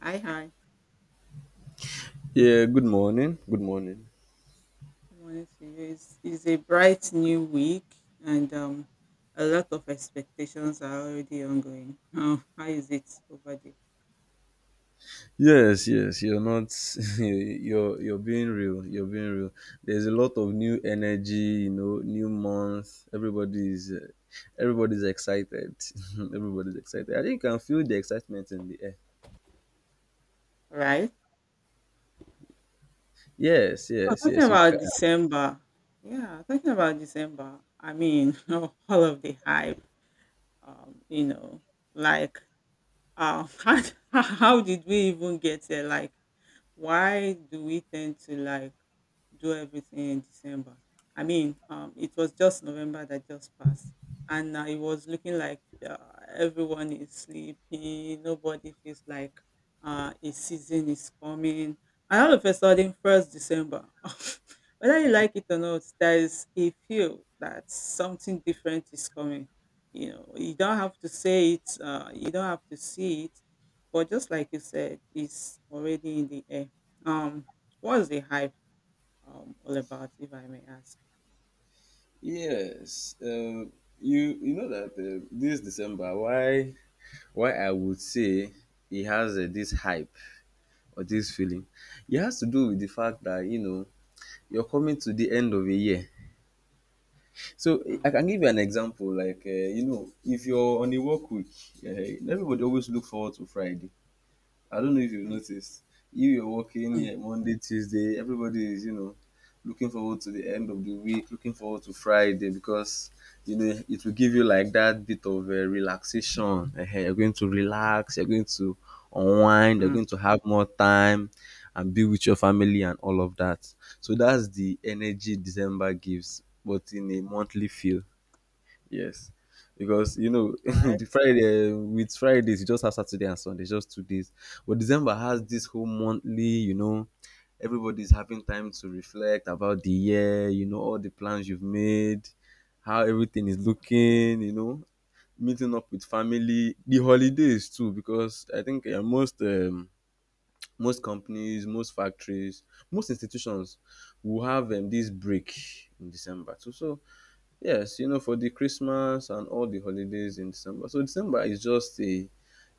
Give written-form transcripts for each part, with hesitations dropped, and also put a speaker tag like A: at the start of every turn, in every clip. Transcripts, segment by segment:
A: Hi, hi.
B: Yeah, good morning. Good morning.
A: Good morning to you. It's a bright new week, and a lot of expectations are already ongoing. How is it over there?
B: Yes, yes, you're not you're being real. You're being real. There's a lot of new energy, you know, new month. Everybody's excited. Everybody's excited. I think you can feel the excitement in the air.
A: All right.
B: Yes,
A: So
B: yes,
A: talking
B: yes, you
A: about
B: can.
A: December, yeah, talking about December. I mean, all of the hype. Um, you know, like, um, how, how did we even get there? Like, why do we tend to like do everything in December. I mean, it was just November that just passed, and it was looking like uh, everyone is sleeping. Nobody feels like a season is coming. And all of a sudden, first December, whether you like it or not, there is a feel that something different is coming. You know, you don't have to say it, you don't have to see it, but just like you said, it's already in the air. Um, what's the hype all about, if I may ask?
B: Yes. Um you know that this December, why I would say it has this hype or this feeling. It has to do with the fact that, you know, you're coming to the end of a year. So
A: Mm,
B: I can give you an example. Like you know, if you're on a work week, everybody always look forward to Friday. I don't know if you've
A: mm,
B: noticed. You're working
A: mm,
B: here Monday, Tuesday, everybody is, you know, looking forward to the end of the week, looking forward to Friday because you know it will give you like that bit of relaxation. You're going to relax, you're going to unwind, you're
A: mm,
B: going to have more time and be with your family and all of that. So that's the energy December gives, but in a monthly feel. Yes, because you know the
A: right?
B: Friday, with Fridays you just have Saturday and Sunday, just 2 days. But December has this whole monthly, you know, everybody's having time to reflect about the year, you know, all the plans you've made, how everything is looking, you know, meeting up with family, the holidays too, because I think most companies, most factories, most institutions will have this break in December too. So yes, you know, for the Christmas and all the holidays in December. So December is just a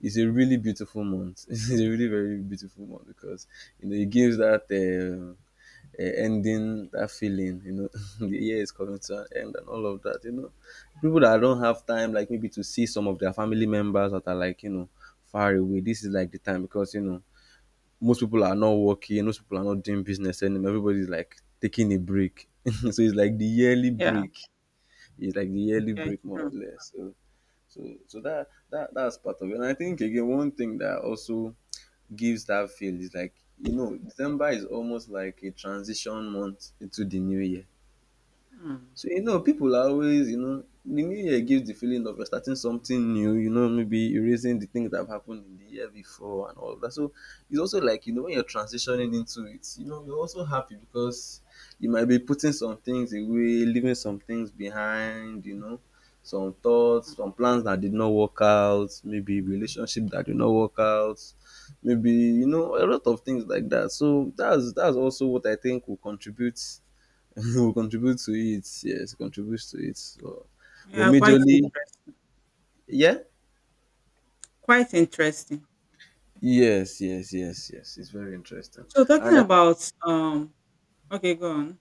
B: is a really beautiful month. It's a really very beautiful month because you know it gives that ending, that feeling. You know, the year is coming to an end and all of that. You know, people that don't have time, like maybe to see some of their family members that are like, you know, far away. This is like the time because you know most people are not working, most people are not doing business anymore. Everybody's like taking a break. So it's like the yearly
A: Yeah,
B: break, it's like the yearly
A: yeah, it's
B: break more or
A: true.
B: less. So that's part of it. And I think again one thing that also gives that feel is like, you know, December is almost like a transition month into the new year.
A: Mm,
B: So, you know, people are always, you know, the new year gives the feeling of you're starting something new, you know, maybe erasing the things that have happened in the year before and all of that. So it's also like, you know, when you're transitioning into it, you know, you're also happy because you might be putting some things away, leaving some things behind, you know, some
A: mm.
B: thoughts, some plans that did not work out, maybe relationship that did not work out, maybe, you know, a lot of things like that. So that's also what I think will contribute will contribute to it. Yes, contributes to it. So, but
A: Yeah, quite
B: majorly,
A: interesting.
B: yeah,
A: Quite interesting.
B: yes, yes, yes, yes. It's very interesting,
A: So talking
B: and I
A: about okay, go on.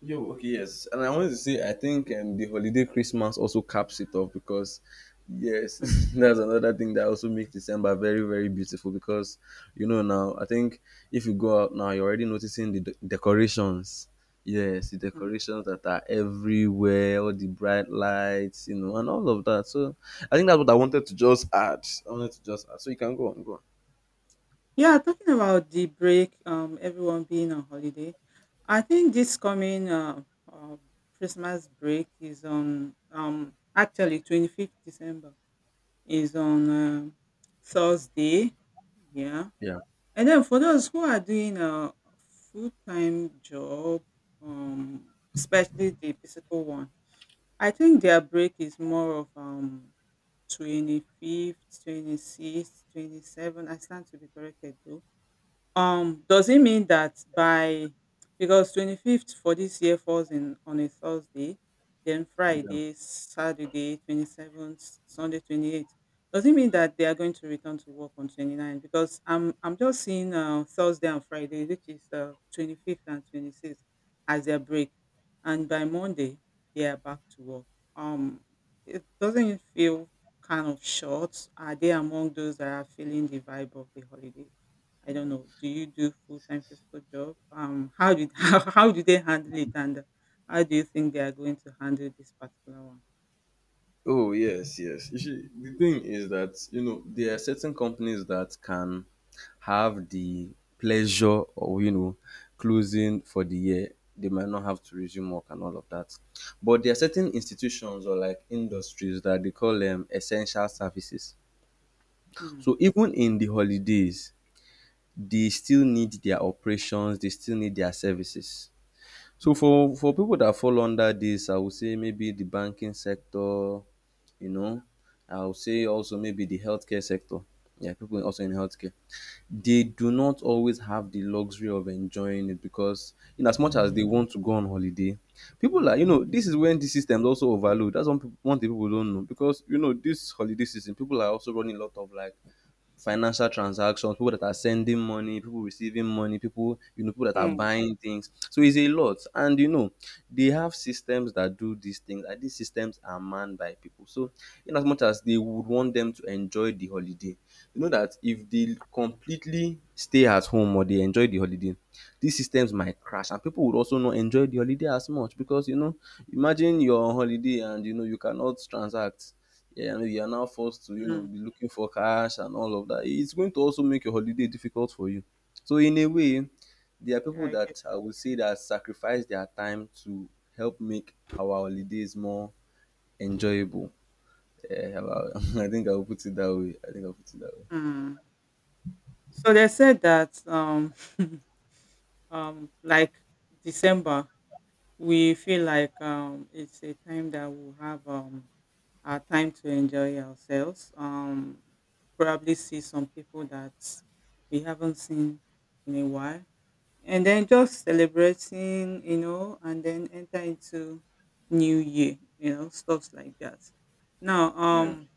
B: Yo, okay, yes. And I wanted to say, I think the holiday Christmas also caps it off because, yes,
A: Mm,
B: that's another thing that also makes December very, very beautiful because, you know, now, I think if you go out now, you're already noticing the decorations. Yes, the
A: mm.
B: decorations that are everywhere, all the bright lights, you know, and all of that. So I think that's what I wanted to just add. I wanted to just add. So you can go on, go on.
A: Yeah, talking about the break, everyone being on holiday. I think this coming uh, Christmas break is on actually 25th December is on Thursday. Yeah.
B: Yeah.
A: And then for those who are doing a full-time job, um, especially the physical one, I think their break is more of 25th, 26th, 27th. I stand to be corrected though. Does it mean that by because 25th for this year falls in on a Thursday, then
B: Yeah.
A: Friday, Saturday, 27th, Sunday, 28th. Does it mean that they are going to return to work on twenty ninth? Because I'm just seeing Thursday and Friday, which is 25th and 26th, as their break, and by Monday they are back to work. Um, it doesn't, it feel kind of short. Are they among those that are feeling the vibe of the holiday? I don't know. Do you do full time physical job? How did how do they handle it, and how do you think they are going to handle this particular one?
B: Oh yes, yes. You see, the thing is that you know there are certain companies that can have the pleasure of, you know, closing for the year. They might not have to resume work and all of that, but there are certain institutions or like industries that they call them essential services.
A: Hmm.
B: So even in the holidays, they still need their operations. They still need their services. So for people that fall under this, I would say maybe the banking sector, you know. I'll say also maybe the healthcare sector. Yeah, people also in healthcare. They do not always have the luxury of enjoying it because in as much as they want to go on holiday, people are, you know, this is when the system's also overload. That's one one thing people don't know. Because you know, this holiday season, people are also running a lot of like financial transactions, people that are sending money, people receiving money, people, you know, people that are
A: Mm.
B: buying things. So it's a lot, and you know they have systems that do these things, and these systems are manned by people. So in as much as they would want them to enjoy the holiday, you know that if they completely stay at home or they enjoy the holiday, these systems might crash, and people would also not enjoy the holiday as much because, you know, imagine you're on holiday and you know you cannot transact, yeah, and you are now forced to, you know,
A: Mm,
B: be looking for cash and all of that. It's going to also make your holiday difficult for you. So in a way, there are
A: yeah,
B: people
A: I get.
B: that I would say that sacrifice their time to help make our holidays more enjoyable. Yeah, I think I'll put it that way. I think I'll put it that way.
A: Mm. So they said that like December we feel like it's a time that we'll have our time to enjoy ourselves. Probably see some people that we haven't seen in a while and then just celebrating, and then enter into new year, stuffs like that. Now,
B: Yeah.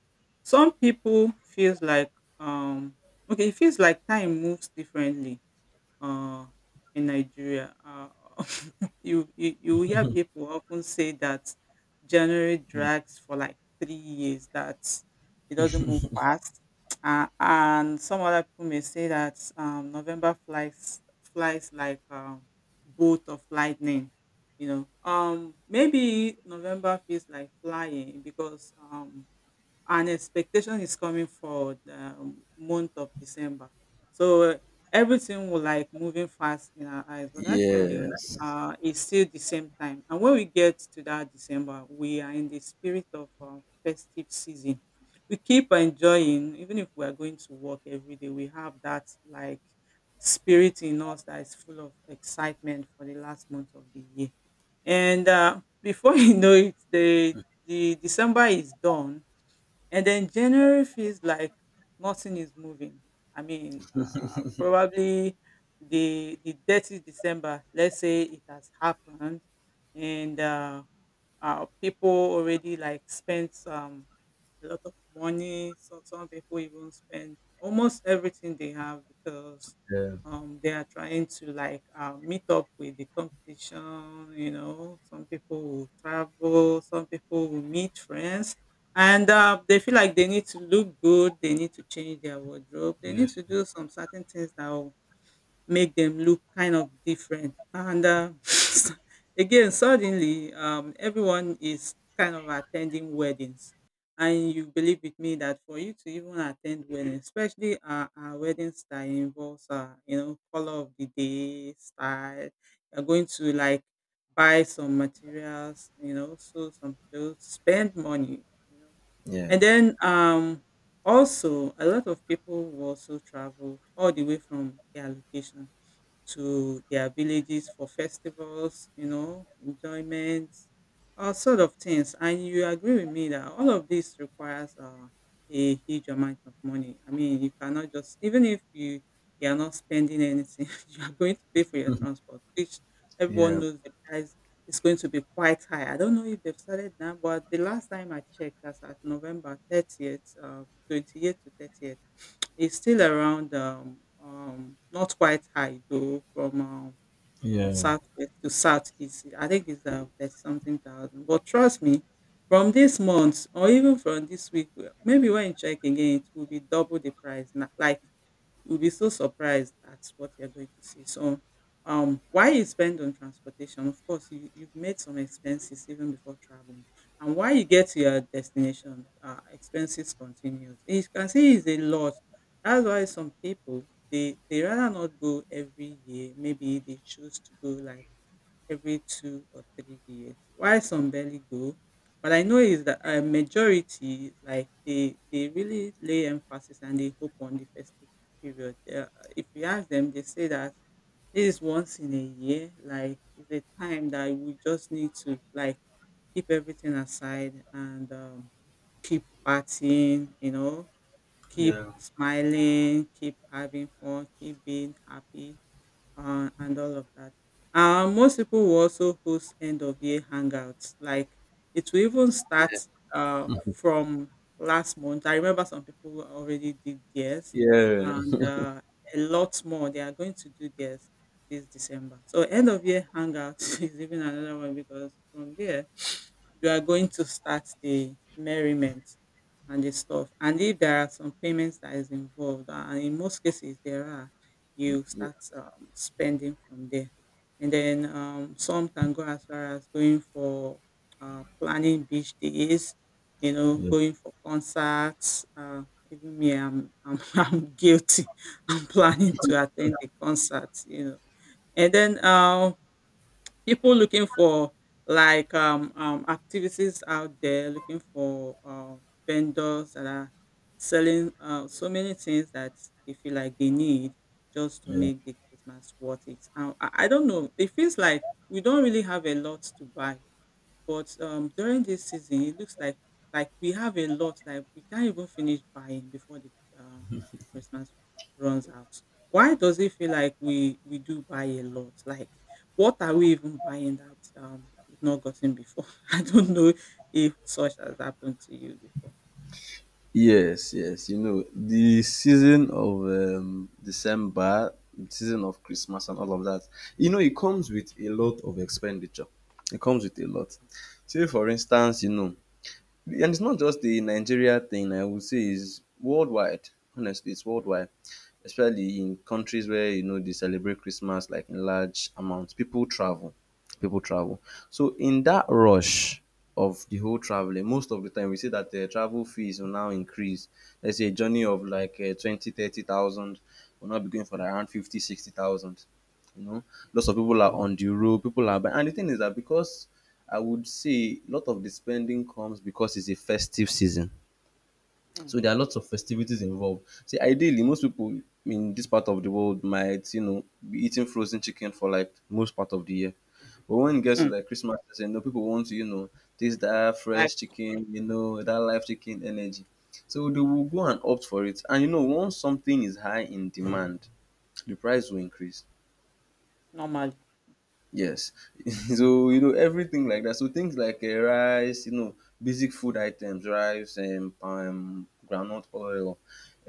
A: some people feels like um, okay, it feels like time moves differently uh, in Nigeria. You hear people often say that January
B: Yeah.
A: drags for like 3 years that it doesn't move fast, and some other people may say that November flies like bolt of lightning. You know, maybe November feels like flying because and expectation is coming for the month of December. So everything will like moving fast in our eyes, but actually,
B: Yes.
A: it's still the same time. And when we get to that December, we are in the spirit of festive season. We keep enjoying, even if we are going to work every day, we have that like spirit in us that is full of excitement for the last month of the year. And before you know it, the December is done and then January feels like nothing is moving. I mean, probably the dirty December. Let's say it has happened, and people already like spent a lot of money. So some people even spend almost everything they have because
B: Yeah.
A: they are trying to like meet up with the competition. You know, some people will travel, some people will meet friends, and they feel like they need to look good. They need to change their wardrobe. They
B: Yeah.
A: need to do some certain things that will make them look kind of different. And again, suddenly, everyone is kind of attending weddings. And you believe with me that for you to even attend weddings, especially weddings that involves, color of the day, style, you're going to like buy some materials, so some clothes, spend money, you know.
B: Yeah.
A: And then also a lot of people will also travel all the way from their location to their villages for festivals, enjoyments, all sort of things. And you agree with me that all of this requires a huge amount of money. I mean, you cannot just, even if you are not spending anything, you are going to pay for your transport, which everyone
B: Yeah.
A: knows the price is going to be quite high. I don't know if they've started now, but the last time I checked, that's at November 30th, 28th to 30th. It's still around, not quite high though, from
B: Yeah.
A: southwest to southeast. I think it's 30 something thousand. But trust me, from this month or even from this week, maybe when you check again, it will be double the price. Like, you'll be so surprised at what you're going to see. So, why you spend on transportation? Of course, you've made some expenses even before traveling, and why you get to your destination, expenses continues. You can see it's a lot. That's why some people they rather not go every year. Maybe they choose to go like every 2 or 3 years. Why some barely go? But I know is that a majority, like they really lay emphasis and they hope on the festival period. If you ask them, they say that this is once in a year. Like it's a time that we just need to like keep everything aside and keep partying. You know, keep smiling, keep having fun, keep being happy and all of that. Most people will also host end of year hangouts. Like it will even start from last month. I remember some people already did theirs,
B: Yeah.
A: and a lot more. They are going to do theirs this December. So end of year hangouts is even another one because from there you are going to start the merriment and the stuff. And if there are some payments that is involved, and in most cases there are, you start spending from there. And then some can go as far as going for planning beach days,
B: Yeah.
A: going for concerts. Even me, I'm guilty. I'm planning to attend a concert. And then people looking for like activities out there, looking for vendors that are selling so many things that they feel like they need just to
B: Yeah.
A: make the Christmas worth it. And I don't know, it feels like we don't really have a lot to buy, but during this season, it looks like we have a lot that we can't even finish buying before the um, Christmas runs out. Why does it feel like we do buy a lot? Like, what are we even buying that we've not gotten before? I don't know if such has happened to you before.
B: Yes, yes. You know, the season of December, season of Christmas and all of that, you know, it comes with a lot of expenditure. It comes with a lot. Say, for instance, you know, and it's not just the Nigeria thing, I would say, is worldwide. Honestly, it's worldwide, especially in countries where you know they celebrate Christmas like in large amounts. People travel, people travel. So in that rush of the whole traveling, most of the time we see that the travel fees will now increase. Let's say a journey of like 20, 30,000 will now be going for like, around 50, 60,000. You know,
A: Mm,
B: lots of people are on the road, people are buying. And the thing is that because I would say a lot of the spending comes because it's a festive season.
A: mm,
B: So there are lots of festivities involved. See, ideally, most people in this part of the world might, you know, be eating frozen chicken for like most part of the year. But when it gets to
A: mm.
B: like Christmas, you know, people want to, you know, taste that
A: Like
B: fresh chicken, you know, that live chicken energy. So they will go and opt for it. And you know, once something is high in demand, the price will increase.
A: normally.
B: Yes. So, you know, everything like that. So things like rice, you know, basic food items, rice, palm, groundnut oil,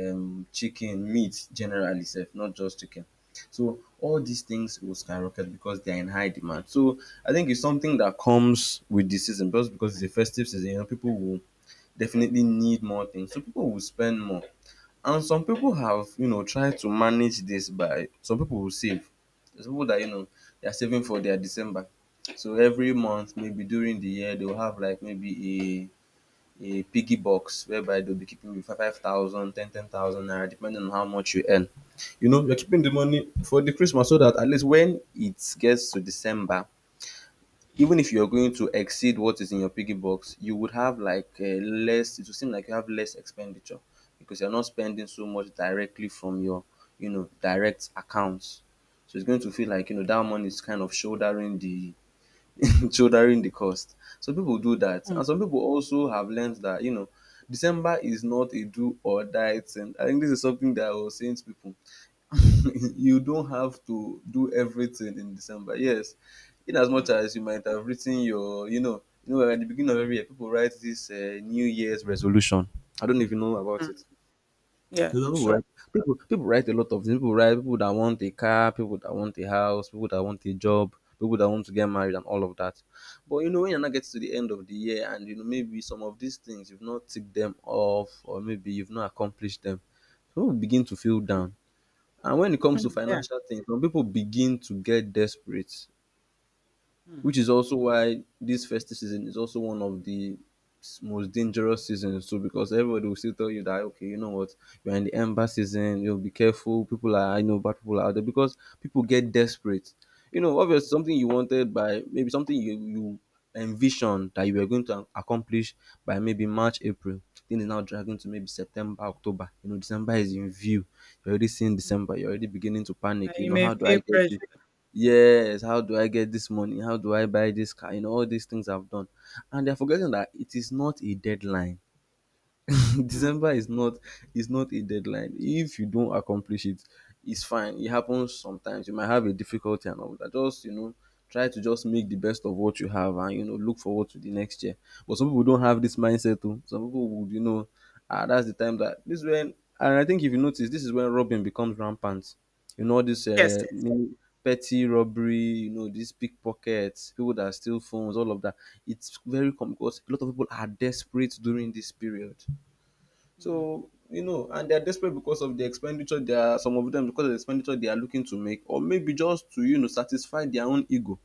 B: chicken, meat generally, self, not just chicken. So all these things will skyrocket because they are in high demand. So I think it's something that comes with the season, just because it's a festive season, you know, people will definitely need more things. So people will spend more. And some people have, you know, tried to manage this by some people will save. There's people that, you know, they're saving for their December. So every month, maybe during the year, they'll have like maybe a piggy box whereby they'll be keeping with 5,000 naira, depending on how much you earn. You know, you're keeping the money for the Christmas so that at least when it gets to December, even if you're going to exceed what is in your piggy box, you would have like less, it will seem like you have less expenditure because you're not spending so much directly from your, you know, direct accounts. So it's going to feel like, you know, that money is kind of shouldering the, shouldering the cost. So people do that.
A: Mm,
B: And some people also have learned that, you know, December is not a do or die thing. I think this is something that I was saying to people, you don't have to do everything in December. Yes, in as much
A: mm,
B: as you might have written your, you know, at the beginning of every year, people write this New Year's resolution. I don't even know about it.
A: mm. Yeah,
B: You know, people
A: sure.
B: write, people write a lot of things. People write people that want a car, people that want a house, people that want a job, people that want to get married, and all of that. But you know, when you are not get to the end of the year, and you know, maybe some of these things you've not ticked them off, or maybe you've not accomplished them, people begin to feel down. And when it comes to
A: Yeah.
B: financial things, some pipu begin to get desperate, which
A: Mm,
B: is also why this festive season is also one of the most dangerous seasons too, because everybody will still tell you that okay, you know what, you're in the ember season, you'll be careful, people are, I know bad people are out there because people get desperate. You know, obviously something you wanted, by maybe something you envisioned that you were going to accomplish by maybe March, April. Thing is now dragging to maybe September, October. You know, December is in view. You're already seeing
A: mm.
B: December, you're already beginning to
A: And
B: panic. You
A: you
B: know,
A: may
B: how do
A: feel
B: I get this?
A: pressure.
B: Yes, how do I get this money? How do I buy this car? You know, all these things I've done. And they're forgetting that it is not a deadline.
A: Mm.
B: December is not, is not a deadline. If you don't accomplish it, it's fine. It happens sometimes. You might have a difficulty and all that. Just, you know, try to just make the best of what you have, and you know, look forward to the next year. But some people don't have this mindset too. Some people would, you know, ah, that's the time that this is when. And I think if you notice, this is when robbing becomes rampant. You know this
A: Yes. Yes.
B: petty robbery. You know these pickpockets, people that steal phones, all of that. It's very common because a lot of people are desperate during this period.
A: Mm.
B: So, you know, and they're desperate because of the expenditure they are, some of them because of the expenditure they are looking to make, or maybe just to, you know, satisfy their own ego,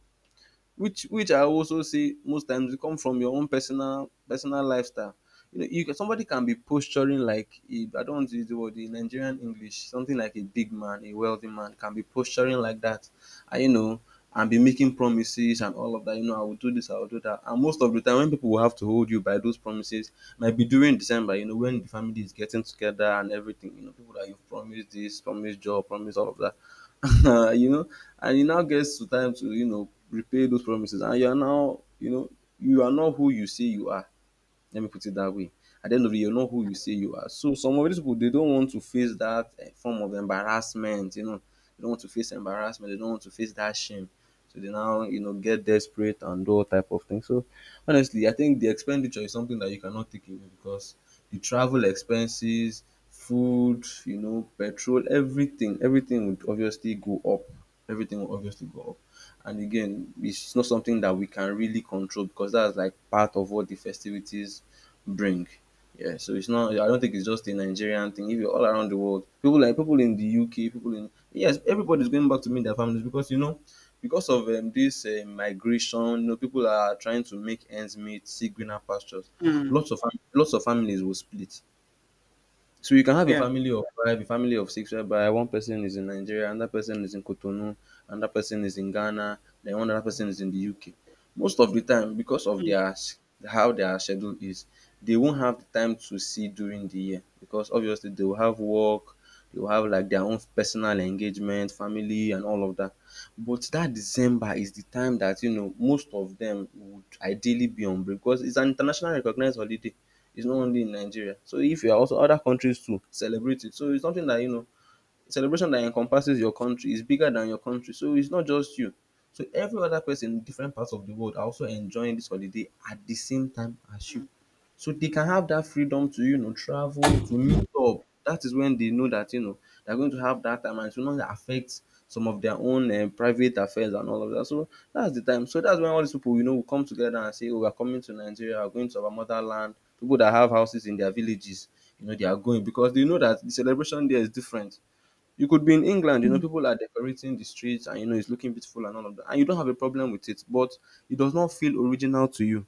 B: which I also say most times it come from your own personal lifestyle. You know, you, somebody can be posturing like a, I don't want to use the word in Nigerian English, something like a big man, a wealthy man can be posturing like that, and you know, and be making promises and all of that. You know, I will do this, I will do that, and most of the time when people will have to hold you by those promises, might be during December. You know, when the family is getting together and everything. You know, people that you've promised this, promised job, promised all of that. You know, and it now gets to time to, you know, repay those promises, and you are now, you know, you are not who you say you are, let me put it that way. At the end of the day, you know who you say you are. So some of these people, they don't want to face that form of embarrassment. You know, they don't want to face embarrassment. They don't want to face that shame. So they now, you know, get desperate and do all type of things. So honestly, I think the expenditure is something that you cannot take away because the travel expenses, food, you know, petrol, everything, everything would obviously go up. Everything will obviously go up. And again, it's not something that we can really control because that's like part of what the festivities bring. Yeah, so it's not. I don't think it's just a Nigerian thing. If you're all around the world, people like people in the UK, people in, yes, everybody's going back to meet their families because you know, because of this migration, you know, people are trying to make ends meet, see greener pastures.
A: Mm.
B: Lots of families will split. So you can have a
A: Yeah.
B: family of five, a family of six, whereby one person is in Nigeria, another person is in Cotonou, another person is in Ghana, then one other person is in the UK. Most of the time, because of their how their schedule is, they won't have the time to see during the year because obviously they will have work, they will have like their own personal engagement, family, and all of that. But that December is the time that, you know, most of them would ideally be on break because it's an international recognized holiday, it's not only in Nigeria. So if you are also other countries too celebrate it. So it's something that, you know, celebration that encompasses your country is bigger than your country. So it's not just you. So every other person in different parts of the world are also enjoying this holiday at the same time as you.
A: Mm.
B: So they can have that freedom to, you know, travel, to meet up. That is when they know that, you know, they're going to have that time and it will not affect some of their own private affairs and all of that. So that's the time. So that's when all these people, you know, will come together and say, oh, we're coming to Nigeria, we're going to our motherland. People that have houses in their villages, you know, they are going because they know that the celebration there is different. You could be in England, you know,
A: Hmm.
B: people are decorating the streets and, you know, it's looking beautiful and all of that. And you don't have a problem with it, but it does not feel original to you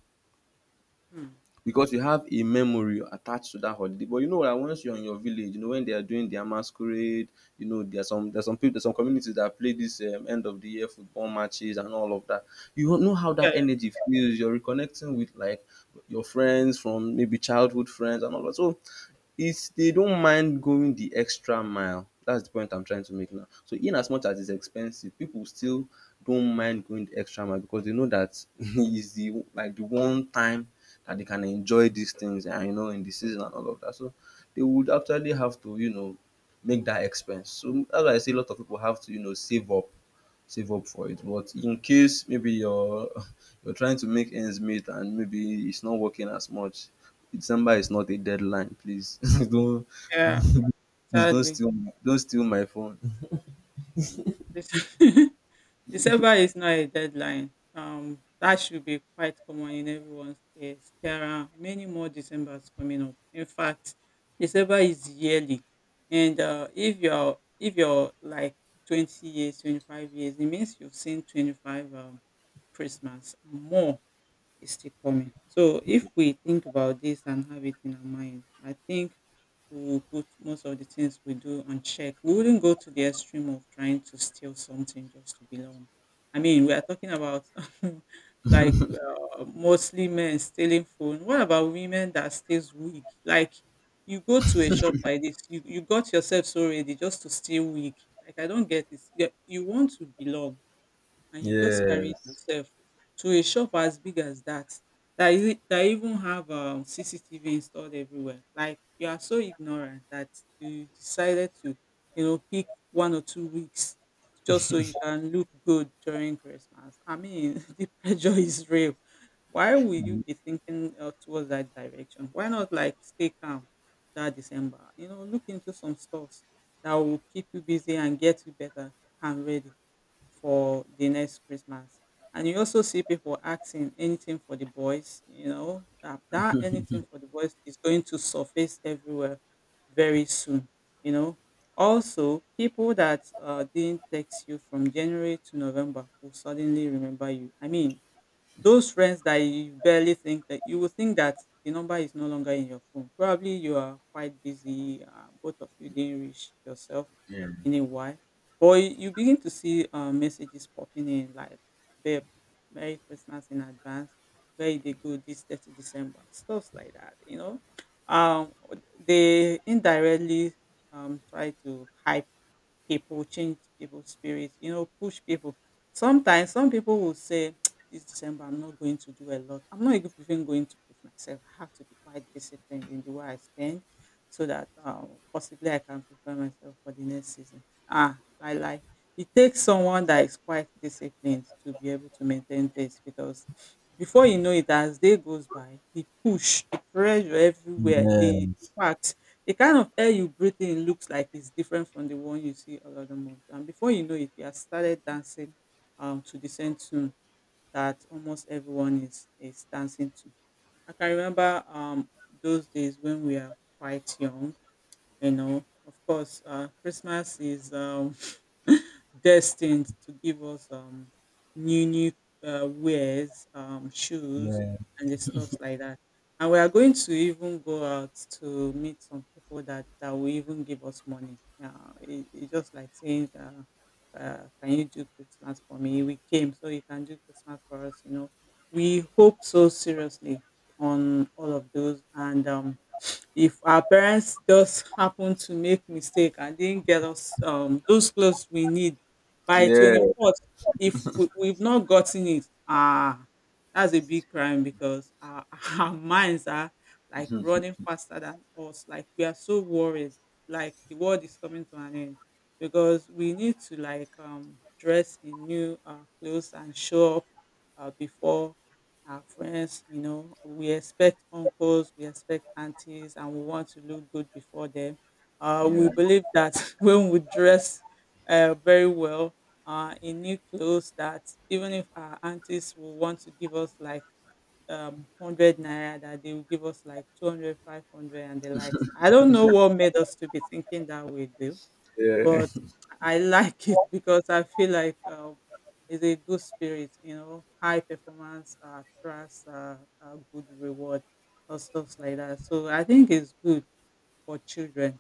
B: because you have a memory attached to that holiday. But you know that once you're in your village, you know when they are doing their masquerade, you know there's some communities that play this end of the year football matches and all of that. You don't know how
A: Yeah,
B: that energy feels. You're reconnecting with like your friends from maybe childhood friends and all that. So it's, they don't mind going the extra mile. That's the point I'm trying to make now. So in as much as it's expensive, people still don't mind going the extra mile because they know that it's the like the one time that they can enjoy these things and, you know, in the season and all of that. So they would actually have to, you know, make that expense. So that's why I say a lot of people have to, you know, save up for it. But in case maybe you're you're trying to make ends meet and maybe it's not working as much, December is not a deadline. Please, don't,
A: yeah,
B: don't please
A: sadly.
B: don't steal my phone.
A: This- December is not a deadline. That should be quite common in everyone's case. There are many more Decembers coming up. In fact, December is yearly, and if you're like 20 years, 25 years, it means you've seen 25 Christmas and more is still coming. So if we think about this and have it in our mind, I think we will put most of the things we do on check. We wouldn't go to the extreme of trying to steal something just to belong. I mean, we are talking about like mostly men stealing phone. What about women that steals wig? Like you go to a shop like this, you got yourself so ready just to steal wig. Like I don't get it. Yeah, you want to belong and you just carry it
B: Yes.
A: yourself to a shop as big as that, that, is, that even have CCTV installed everywhere. Like, you are so ignorant that you decided to, pick 1 or 2 weeks just so you can look good during Christmas. I mean, the pressure is real. Why will you be thinking towards that direction? Why not like stay calm that December, look into some stores that will keep you busy and get you better and ready for the next Christmas. And you also see people asking anything for the boys, that anything for the boys is going to surface everywhere very soon, you know. Also, people that didn't text you from January to November will suddenly remember you. I mean, those friends that you barely think that you will think that the number is no longer in your phone. Probably you are quite busy. Both of you didn't reach yourself
B: Yeah.
A: in a while. But you begin to see messages popping in like, babe, Merry Christmas in advance. Where they go this 30 December? Stuff like that. Um, they indirectly try to hype people, change people's spirits, push people. Sometimes some people will say, This December, I'm not going to do a lot. I'm not even going to push myself. I have to be quite disciplined in the way I spend so that possibly I can prepare myself for the next season. Ah, I like it takes someone that is quite disciplined to be able to maintain this because before you know it, as day goes by, the push, the pressure everywhere, the
B: Yes.
A: impact. The kind of air you breathe in looks like it's different from the one you see all other month. And before you know it, you have started dancing to the same tune that almost everyone is dancing to. I can remember those days when we are quite young. Of course, Christmas is destined to give us new wares, shoes,
B: Yeah.
A: and the stuff like that. And we are going to even go out to meet some people that will even give us money. Yeah, it's just like saying, "Can you do Christmas for me? We came, so you can do Christmas for us." We hope so seriously on all of those, and if our parents just happen to make mistake and didn't get us those clothes we need by
B: Yeah.
A: 24th. If we've not gotten it, that's a big crime because our, our minds are like running faster than us, like we are so worried, like the world is coming to an end because we need to like dress in new clothes and show up before our friends, we expect uncles, we expect aunties, and we want to look good before them. We
B: Yeah.
A: believe that when we dress very well in new clothes, that even if our aunties will want to give us like 100 naira, that they will give us like 200, 500, and the likes. I don't know what made us to be thinking that way, though.
B: Yeah.
A: But I like it because I feel like it's a good spirit. High performance trust, good reward, or stuff like that. So I think it's good for children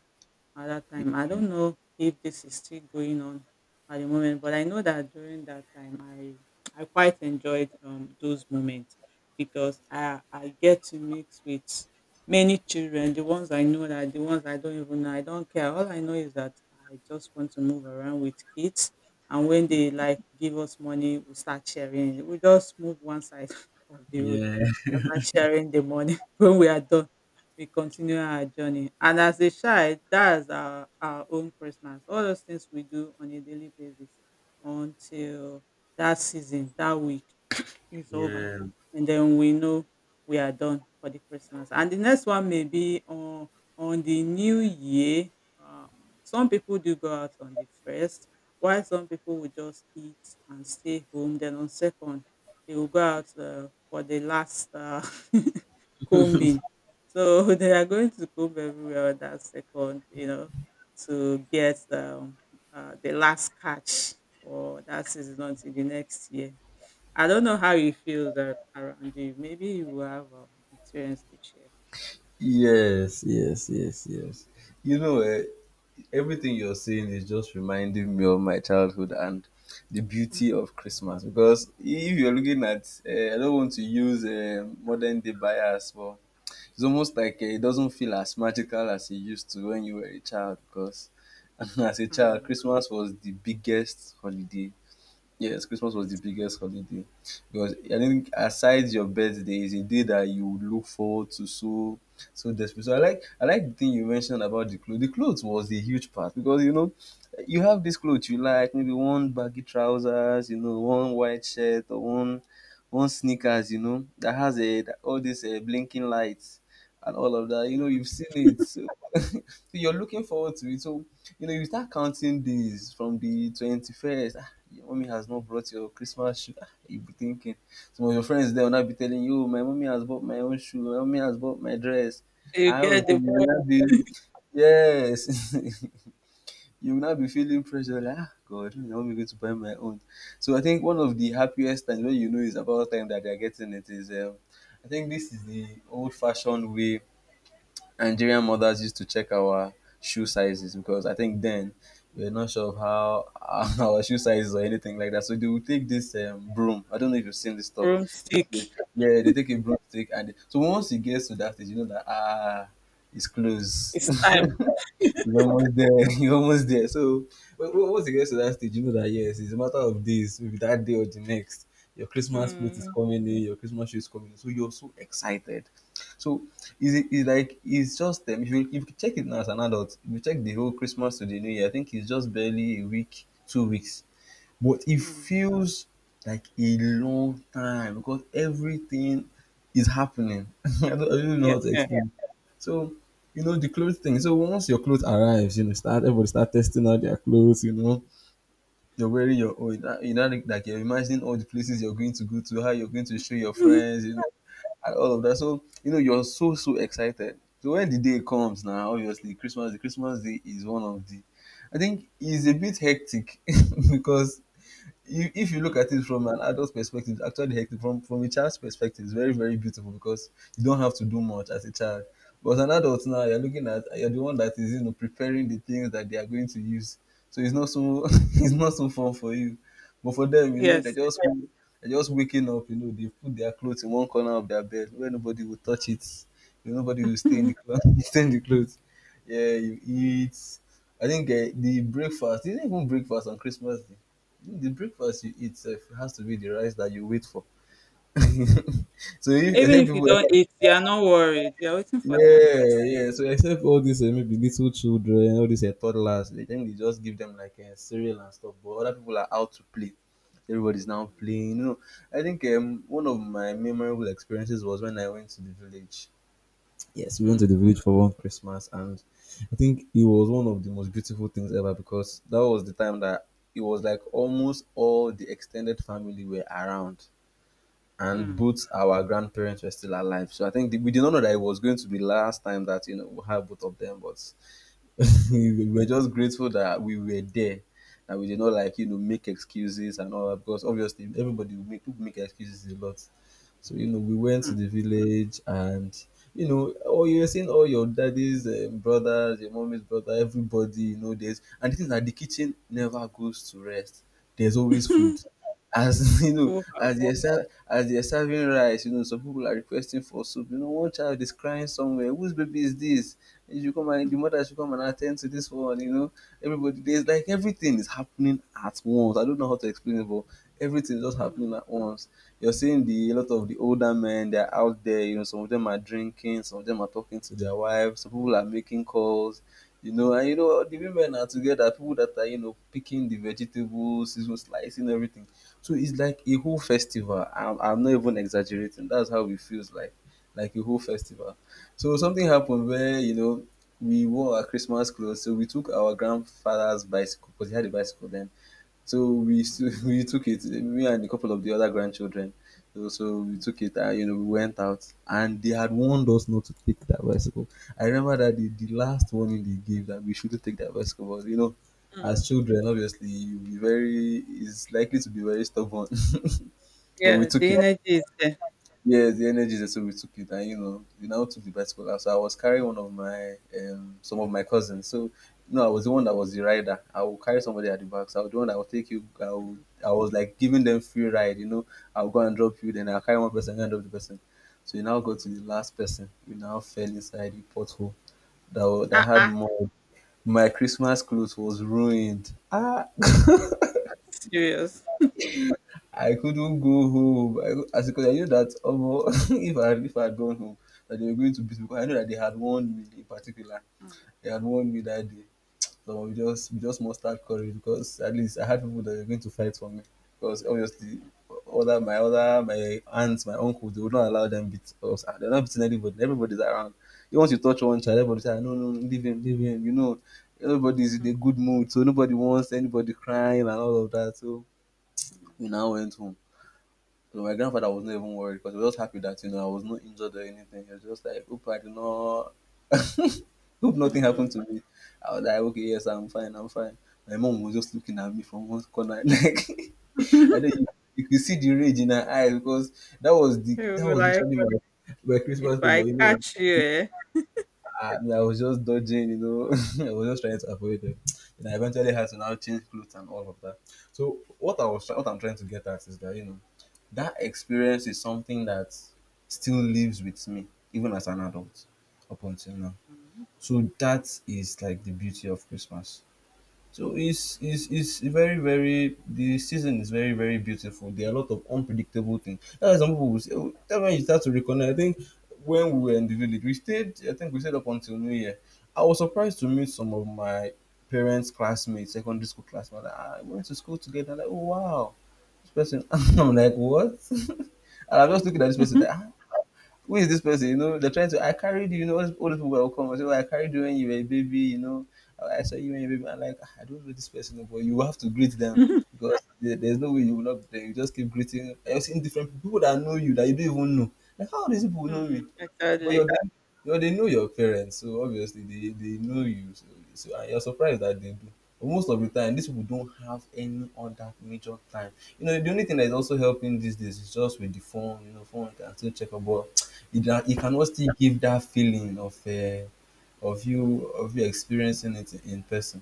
A: at that time. I don't know if this is still going on at the moment, but I know that during that time, I quite enjoyed those moments because I get to mix with many children, the ones I know, that the ones I don't even know. I don't care. All I know is that I just want to move around with kids, and when they like give us money, we start sharing. We just move one side of the road.
B: Yeah.
A: After sharing the money, when we are done, we continue our journey. And as a child, that's our own Christmas. All those things we do on a daily basis until that season, that week. It's over.
B: Yeah.
A: And then we know we are done for the Christmas. And the next one may be on the new year. Um, some people do go out on the first, while some people will just eat and stay home. Then on second, they will go out for the last combing. So they are going to comb everywhere on that second, to get the last catch for that season until the next year. I don't know how you feel that around you. Maybe you have experience to share.
B: Yes. Yes. Yes. Yes. You know, everything you're saying is just reminding me of my childhood and the beauty of Christmas. Because if you're looking at, I don't want to use modern day bias, but it's almost like it doesn't feel as magical as it used to when you were a child. Because as a child,
A: Hmm.
B: Christmas was the biggest holiday. Yes, Christmas was the
A: Yes.
B: biggest holiday because I think aside your birthday is a day that you look forward to so so desperately. So I like the thing you mentioned about the clothes. The clothes was a huge part because, you know, you have this clothes you like, maybe one baggy trousers, you know, one white shirt or one sneakers, you know, that has a that, all these blinking lights and all of that. You know,
A: Hmm.
B: you've seen it, so, so you're looking forward to it. So, you know, you start counting days from the 21st. Your mommy has not brought your Christmas shoe. Ah, you be thinking. Some of your friends there will not be telling you, "Oh, my mommy has bought my own shoe, my mommy has bought my dress.
A: You
B: I all of a
A: get
B: you
A: the
B: will
A: point.
B: not be, yes, you will not be feeling pressure like, ah, God, when is my mommy going to buy my own? So I think one of the happiest times when you know it's about time that they're getting it is, I think this is the old fashioned way Nigerian mothers used to check our shoe sizes because I think then we were not sure of how our shoe sizes or anything like that. So they would take this broom. I don't know if you've seen this stuff.
A: From
B: They-
A: stick.
B: Yeah, they take a broomstick and they- so once it gets to that stage, you know that ah, it's close.
A: It's time.
B: He's almost there. He's almost there. So once you get to that stage, you know that yes, it's a matter of days, maybe that day or the next. Your Christmas plate is
A: Hmm.
B: coming in, your Christmas shoe is coming in. So you're so excited. So is it is like it's just if you check it now as an adult, if you check the whole Christmas to the New Year, I think it's just barely a week, 2 weeks, but it
A: Hmm.
B: feels like a long time because everything is happening. I don't even know
A: Yeah.
B: how to
A: Yeah.
B: explain. So, you know, the clothes thing. So once your clothes arrives, you know, start everybody start testing out their clothes, you know. You're wearing your own, you know, like you're imagining all the places you're going to go to, how you're going to show your
A: Mhm.
B: friends, you know, and all of that. So, you know, you're so excited. So when the day comes now, obviously Christmas, the Christmas day is one of the— I think it's a bit hectic because you, if you look at
A: Hmm.
B: it from an adult perspective, it's actually hectic. From a child's perspective, it's very beautiful because you don't have to do much as a child. But as an adult now, you're looking at you're the one that is, you know, preparing the things that they are going to use. So it's not so it's not so fun for you. But for them, you know,
A: Yes. Yes.
B: they just waking up. You know, they put their clothes in one corner of their bed where nobody will touch it. You know, nobody will stay in the clothes. Stay in the clothes. Yeah, you eat. I think the breakfast. Is didn't even breakfast on Christmas Day. The breakfast you eat sef has to be the rice that you wait for. So if
A: Even
B: except
A: if you
B: people.
A: don't eat, you are not worried. You are waiting for that
B: Yeah,
A: rice.
B: yeah. So except all these maybe little children, all these toddlers, they think they just give them like cereal and stuff. But other people are out to play. Everybody's now playing. You know, I think one of my memorable experiences was when I went to the village. Yes, we went to
A: Hmm.
B: the village for one Christmas, and I think it was one of the most beautiful things ever because that was the time that it was like almost all the extended family were around, and
A: Hmm.
B: both our grandparents were still alive. So I think we did not know that it was going to be last time that, you know, we have both of them, but
A: Hmm.
B: we were just grateful that we were there and we did not like, you know, make excuses and all that because obviously everybody will make people make excuses a lot. So, you know, we went to
A: Hmm.
B: the village and, you know, oh, you were seeing all your daddy's brothers, your mommy's brother, everybody, you know, there's— and the thing is that the kitchen never goes to rest. There's always food. As you know,
A: Full house.
B: as they're serving rice, you know, some people are requesting for soup. You know, one child is crying somewhere. Whose baby is this? You come and
A: Mm,
B: the mother should come and attend to this one, you know. Everybody there's like everything is happening at once. I don't know how to explain it, but everything is just happening
A: mm,
B: at once. You're seeing the a lot of the older men, they're out there, you know, some of them are drinking, some of them are talking to their wives, some people are making calls, you know, and you know the women are together, people that are, you know, picking the vegetables, you slicing everything. So it's like a whole festival. I'm not even exaggerating. That's how it feels like. Like a whole festival. So something happened where, you know, we wore our Christmas clothes. So we took our grandfather's bicycle because he had a bicycle then.
A: mm,
B: We took it. Me and a couple of the other grandchildren. So we took it and, you know, we went out and they had warned us not to take that bicycle. I remember that the last warning they gave that we shouldn't take that bicycle. But, you know,
A: mm.
B: as children, obviously you be very is likely to be very stubborn. But we
A: Yeah,
B: took
A: the
B: it.
A: energy is there.
B: Yes, the energy they so we took it, and, you know, we now took the bicycle out. So I was carrying one of my some of my cousins. So no, I was the one that was the rider. I will carry somebody at the back. So I was the one that will take you. I will,
A: Mm,
B: I was like giving them free ride. You know, I'll go and drop you. Then I'll carry one person and drop the person. So you now go to
A: mm.
B: the last person. You now fell inside the pothole that
A: Ah,
B: had
A: ah.
B: mud. My Christmas clothes was ruined.
A: Serious.
B: I couldn't go home. As because I knew that omo, if I had gone home, that they were going to beat me. Because I know that they had warned me in particular.
A: Mm.
B: They had warned me that day. So we just mustered courage because at least I had people that were going to fight for me. Because obviously, other my aunts, my uncles, they would not allow them beat us. Ah, they're not beating anybody. Everybody's around. Even once you touch one child, everybody say, "Ah, no, no, no, leave him, leave him." You know, everybody's in a good mood, so nobody wants anybody crying and all of that. So
A: Mm,
B: we now went home, so my grandfather was not even worried because he was just happy that, you know, I was not injured or anything. He was just like, hope I did not, hope nothing happened
A: mm.
B: to me. I was like, okay, yes, I'm fine, I'm fine. My mom was just looking at me from one corner, like I know you, you could see the rage in her eyes because that was the
A: You
B: that
A: were
B: was
A: like,
B: literally my, my
A: "If
B: Christmas day. But
A: I
B: you know,
A: catch you, eh?"
B: I was just dodging, you know. I was just trying to avoid them. And I eventually had to now change clothes and all of that. So what I'm trying to get at is that, you know, that experience is something that still lives with me even as an adult up until now.
A: Mm.
B: So that is like the beauty of Christmas. So it's very the season is very beautiful. There are a lot of unpredictable things. That's why some people will say, oh, that when you start to reconnect. I think when we were in the village, we stayed. I think we stayed up until New Year. I was surprised to meet some of my parents' classmates, secondary school classmates. Like, ah, we went to school together. Like, oh wow, this person. I'm like, what? And I'm just looking at this person. Like, ah, who is this person? You know, they're trying to, I carried you, you know, all these people will come and say, well, I carried you when you were a baby, you know, "Oh, I saw you when you were a baby." I'm like, "Ah, I don't know this person, but you have to greet them because there's no way you will not, you just keep greeting. I've seen different people, that know you that you don't even know. Like, how do these people know
A: Mm,
B: me? But
A: exactly.
B: you're, they know your parents, so obviously they know you. So, so and you're surprised that they do. But most of the time, these people don't have any other major time. You know, the only thing that is also helping these days is just with the phone. You know, phone can still check about it, it cannot still give that feeling of you experiencing it in person.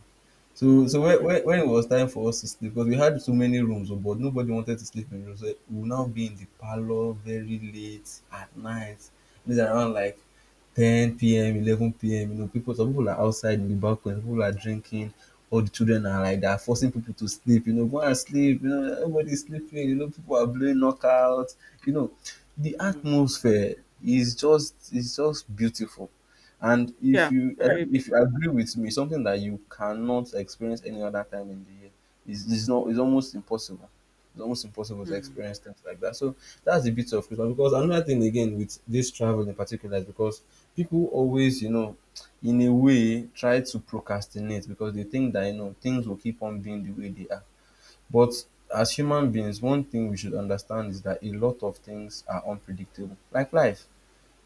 B: So, so
A: Mm,
B: when it was time for us to sleep, because we had so many rooms, oh, but nobody wanted to sleep in rooms. So we would now be in the parlor very late at night. It's around like 10 p.m., 11 p.m. You know, people, some people are outside in the balcony, people are drinking. All the children are like, they are forcing people to sleep. You know, go and sleep. You know, everybody's sleeping. You know, people are blowing knockouts. You know, the
A: mm.
B: atmosphere is just beautiful. And
A: Yeah, very
B: if you
A: beautiful.
B: agree with me, something that you cannot experience any other time in the year is not is almost impossible. It's almost impossible to
A: Mm.
B: experience things like that. So that's the bit of Christmas. Because another thing again with this travel in particular is because people always, you know, in a way try to procrastinate because they think that, you know, things will keep on being the way they are. But as human beings, one thing we should understand is that a lot of things are unpredictable, like life.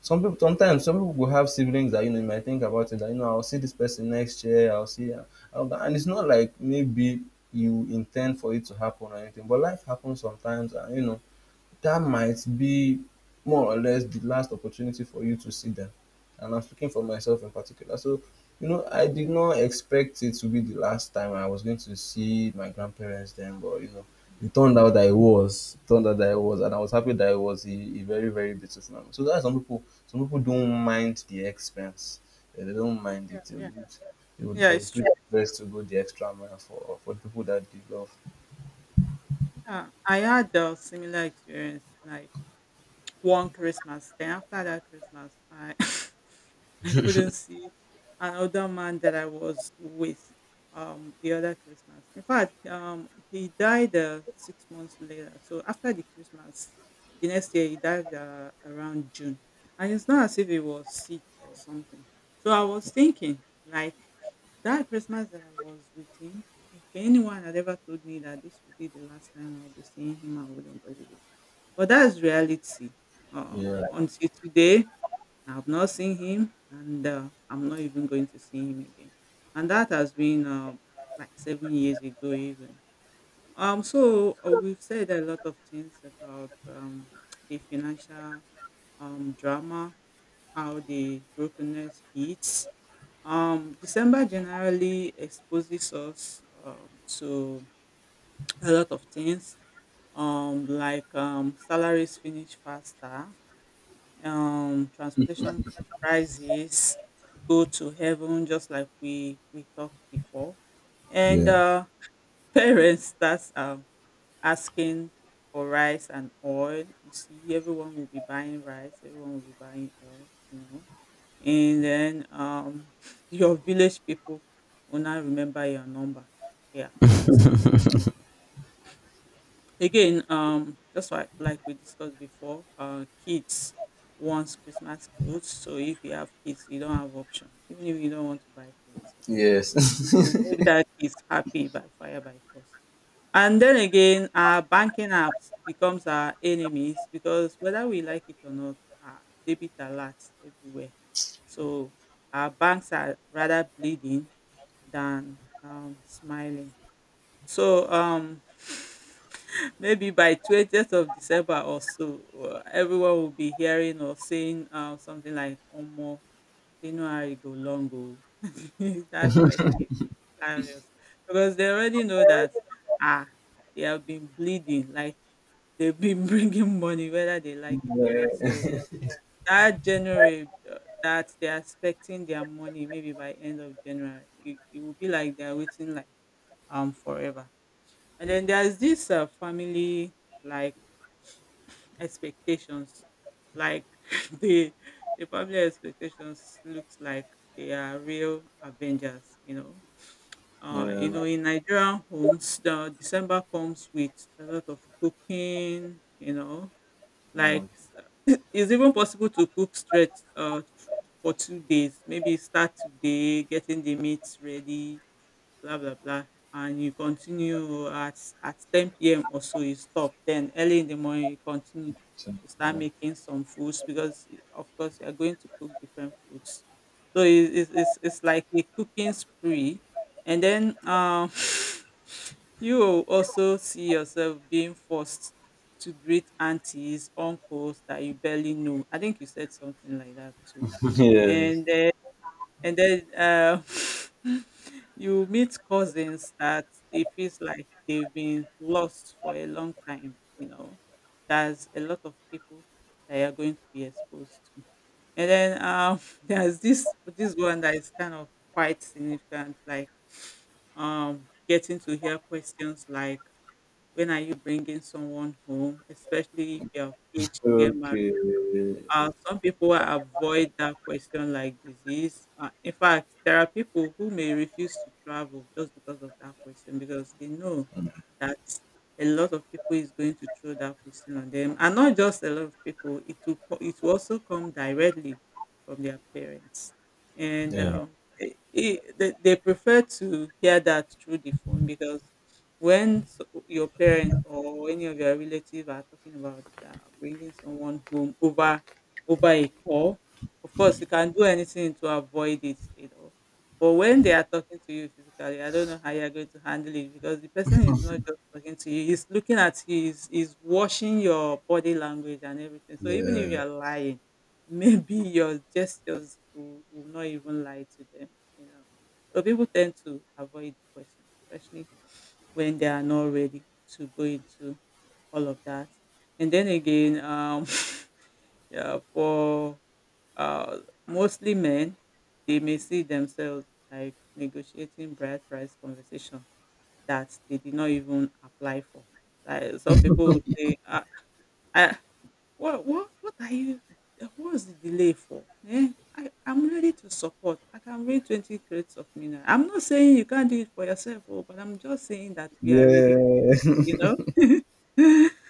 B: Sometimes some people will have siblings that you might think about it, that I'll see this person next year, I'll see her. And it's not like maybe you intend for it to happen or anything, but life happens sometimes, and that might be more or less the last opportunity for you to see them. And I'm speaking for myself in particular. So, I did not expect it to be the last time I was going to see my grandparents then, but it turned out that it was. It turned out that it was, and I was happy that it was a very, very beautiful moment. So that's some people don't mind the expense. Yeah, they don't mind it.
A: Yeah,
B: They would, they would,
A: yeah,
B: they
A: it's
B: would do
A: true.
B: their best to go the extra mile for the people that they love.
A: Yeah, I had a similar experience. Like, one Christmas. Then after that Christmas, I I couldn't see another man that I was with the other Christmas. In fact, he died 6 months later. So after the Christmas, the next year he died around June, and it's not as if he was sick or something. So I was thinking like that Christmas that I was with him. If anyone had ever told me that this would be the last time I'll be seeing him, I wouldn't believe it. But that's reality. Uh,
B: Yeah.
A: until today, I've not seen him, and I'm not even going to see him again. And that has been like 7 years ago, even. So we've said a lot of things about the financial drama, how the brokenness hits. December generally exposes us to a lot of things, like salaries finish faster, transportation prices go to heaven, just like we talked before. And
B: Yeah.
A: parents starts asking for rice and oil. You see, everyone will be buying rice, everyone will be buying oil. And then your village people will not remember your number. Yeah, they start calling. Again, just like we discussed before, kids wants Christmas clothes. So if you have kids, you don't have option. Even if you don't want to buy for yourself,
B: Yes.
A: you will make that kids happy by fire by force. And then again, our banking apps becomes our enemies because whether we like it or not, our debit alerts everywhere. So our banks are rather bleeding than smiling. So maybe by 20th of December or so, everyone will be hearing or saying something like, Omo, January go long go. That's quite hilarious because they already know that, ah, they have been bleeding, like they've been bringing money whether they like it or not.
B: Yeah.
A: So that January that they are expecting their money maybe by end of January, it will be like they're waiting like forever. And then there's this family like expectations, like the the family expectations looks like they are real avengers. You
B: Yeah,
A: know, in Nigerian homes, the December comes with a lot of cooking.
B: yeah,
A: Like it's even possible to cook straight for 2 days, maybe start today getting the meats ready, blah blah blah. And you continue at 10 p.m. or so, you stop, then early in the morning you continue,
B: so,
A: you start
B: yeah.
A: making some foods because of course you are going to cook different foods. So it, it's like a cooking spree. And then you will also see yourself being forced to greet aunties uncles that you barely know, I think you said something like that too.
B: Yes.
A: And and then you meet cousins that it feels like they've been lost for a long time. There's a lot of people that you're going to be exposed to, and then there's this one that is kind of quite significant, like getting to hear questions like, "When are you bringing someone home?" Especially if you're of age to get married,
B: Okay.
A: some people will avoid that question like disease. In fact, there are people who may refuse to travel just because of that question because they know that a lot of people is going to throw that question on them, and not just a lot of people. It will also come directly from their parents, and
B: Yeah.
A: they prefer to hear that through the phone because when your parents or any of your relatives are talking about bringing someone home over a call. Of course, you can do anything to avoid it. But when they are talking to you physically, I don't know how you're going to handle it because the person is not just talking to you, he's looking at you, he's watching your body language and everything. So even if you're lying, maybe your gestures will not even lie to them, you know. So people tend to avoid the question, especially when they are not ready to go into all of that. And then again, yeah, for uh, mostly men, they may see themselves like negotiating bride price conversation that they did not even apply for. Like some people will say, ah, I what, what, what are you, what's the delay for? Eh? I'm ready to support. I can read 20 crates of mina. I'm not saying you can't do it for yourself, oh, but I'm just saying that we are ready for
B: Yeah.
A: it, you know?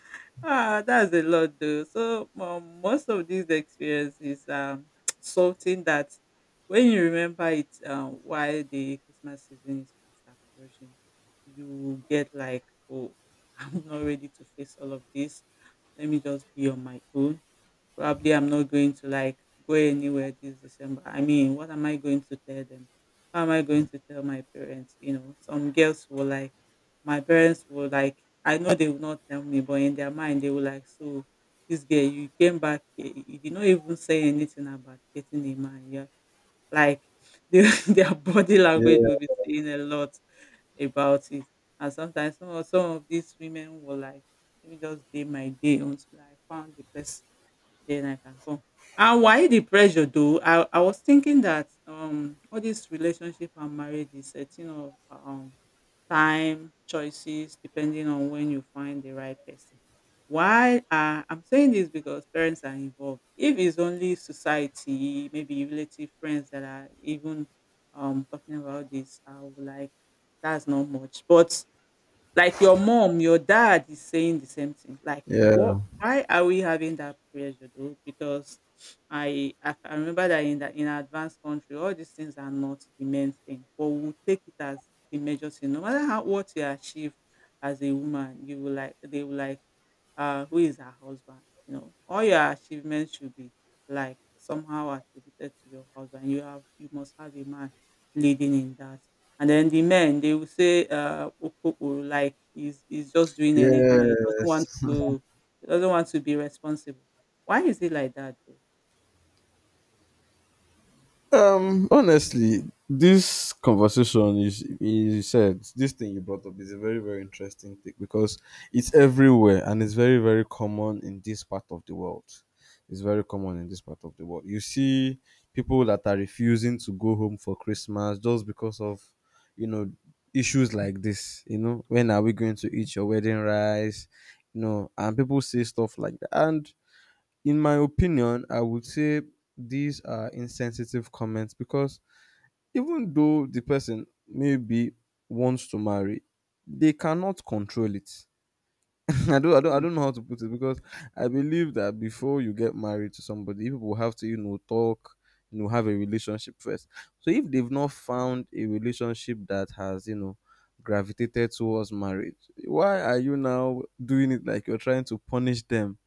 A: Ah, that's a lot though. So most of these experiences something that when you remember it why the Christmas season is fast approaching, you get like, oh, I'm not ready to face all of this. Let me just be on my own. Probably I'm not going to like go anywhere this December. I mean, what am I going to tell them? How am I going to tell my parents? Some girls will like my parents were like I know they would not tell me, but in their mind they were like, so this girl, you came back here, you did not even say anything about getting a man. Yeah. Like they, their body
B: Yeah.
A: language will be saying a lot about it. And sometimes some of these women were like, let me just day my day until I found the person, then I can come. And why the pressure though? I was thinking that all this relationship and marriage is setting up time, choices, depending on when you find the right person. Why are I'm saying this because parents are involved. If it's only society, maybe relative friends that are even talking about this, I would like that's not much. But like your mom, your dad is saying the same thing. Like, what?
B: Yeah.
A: Why are we having that pressure though? Because I can remember that in an advanced country, all these things are not the main thing, but we'll take it as the major thing. No matter how what you achieve as a woman, you will like they will like who is her husband. All your achievements should be like somehow attributed to your husband. You must have a man leading in that. And then the men they will say, "Okoko," like he's just doing anyhow.
B: Yes.
A: He doesn't want to be responsible. Why is it like that though?
B: Honestly, this conversation is, you said this thing you brought up is a very, very interesting thing because it's everywhere and it's very, very common in this part of the world. It's very common in this part of the world. You see people that are refusing to go home for Christmas just because of you know issues like this, when are we going to eat your wedding rice? And people say stuff like that. And in my opinion, I would say these are insensitive comments because even though the person maybe wants to marry, they cannot control it. I don't, I don't, I
A: Hmm.
B: don't know how to put it, because I believe that before you get married to somebody, you people have to, talk, have a relationship first. So if they've not found a relationship that has, gravitated towards marriage, why are you now doing it like you're trying to punish them?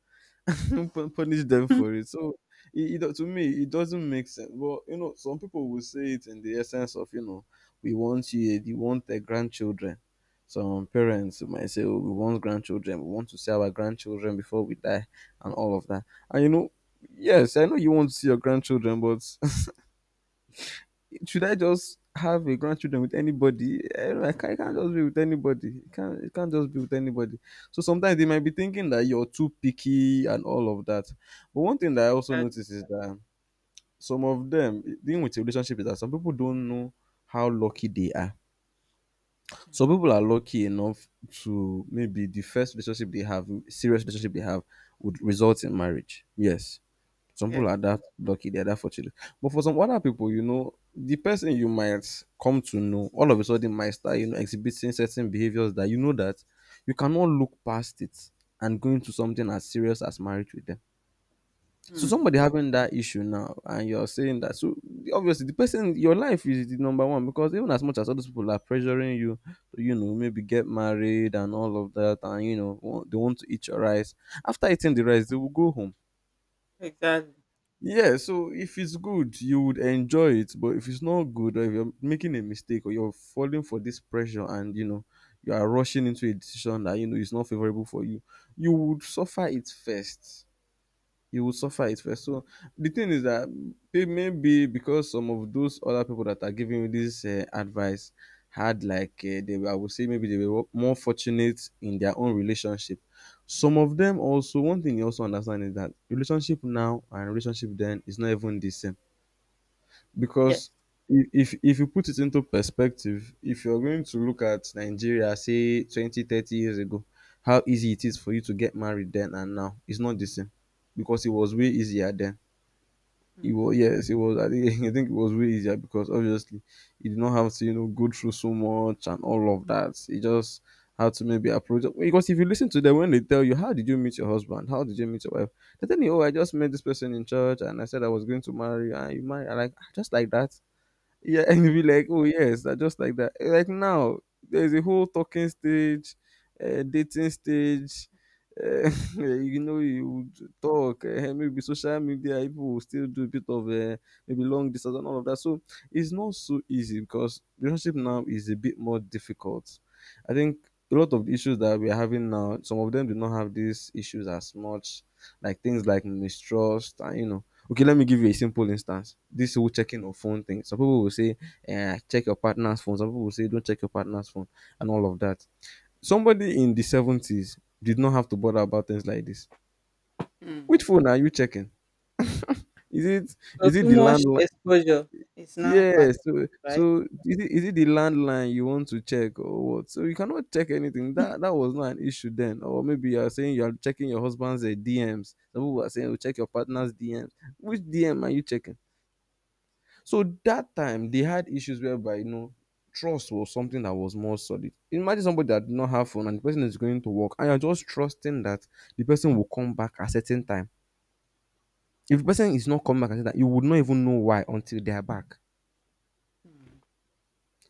B: Punish them for it. So to me, it doesn't make sense. But some people will say it in the essence of, we want their grandchildren. Some parents might say, oh, we want grandchildren, we want to see our grandchildren before we die, and all of that. And yes, I know you want to see your grandchildren, but should I just have a grandchildren with anybody? I don't know, I can't just be with anybody. It can't just be with anybody. So sometimes they might be thinking that you're too picky and all of that. But one thing that I also
A: Exactly.
B: notice is that some of them, dealing with a relationship, is that some people don't know how lucky they are. Some
A: Hmm.
B: people are lucky enough to, maybe, the first relationship they have, serious relationship they have, would result in marriage. Yes, some people
A: Yes.
B: are that lucky, they're that fortunate. But for some other people, the person you might come to know all of a sudden might start, exhibiting certain behaviors that you know that you cannot look past it and go into something as serious as marriage with them. So
A: Hmm.
B: somebody having that issue now, and you're saying that, so obviously the person, your life is the number one, because even as much as other people are pressuring you to, maybe get married and all of that, and they want to eat your rice. After eating the rice, they will go home.
A: Exactly.
B: Yeah, so if it's good, you would enjoy it. But if it's not good, or if you're making a mistake, or you're falling for this pressure, and you are rushing into a decision that is not favorable for you, you would suffer it first. You will
A: Hmm.
B: suffer it first. So the thing is that they, maybe because some of those other people that are giving you this advice had, like, I would say maybe they were more fortunate in their own relationship. Some of them, also, one thing you also understand is that relationship now and relationship then is not even the same. Because
A: Yes.
B: if you put it into perspective, if you're going to look at Nigeria, say 20, 30 years ago, how easy it is for you to get married then and now, it's not the same because it was way easier then. It
A: Hmm.
B: was, yes, it was. I think, I think it was way easier because, obviously, you did not have to, go through so much and all of that. You just had to maybe approach, because if you listen to them when they tell you, how did you meet your husband, how did you meet your wife, they tell you, oh, I just met this person in church and I said I was going to marry you, and you marry, like, just like that, yeah. And you'll be like, oh yes, that just like that. Like now, there's a whole talking stage, dating stage. Uh, you would talk. Maybe social media, people will still do a bit of, maybe long distance and all of that. So it's not so easy because relationship now is a bit more difficult. I think a lot of the issues that we're having now, some of them do not have these issues as much, like things like mistrust and, okay, let me give you a simple
A: Hmm.
B: instance. This whole checking of phone thing. Some people will say, check your partner's phone. Some people will say, don't check your partner's phone, and all of that. Somebody in the 70s did not have to bother about things like this. Which
A: Mm.
B: phone are you checking? Is it
A: So
B: is it
A: too
B: the
A: much
B: landline?
A: exposure is now part of
B: Yes. So
A: it, right?
B: so is it the landline you want to check, or what? So you cannot check anything. That was not an issue then. Or maybe you are saying you are checking your husband's DMs. Some people are saying, oh, check your partner's DMs. Which DM are you checking? So that time they had issues whereby, trust was something that was more solid. Imagine somebody that did not have phone, and the person is going to work, and you're just trusting that the person will come back at certain time. If the person
A: Hmm,
B: is not coming back at certain time, you would not even know why until they are back.
A: hmm.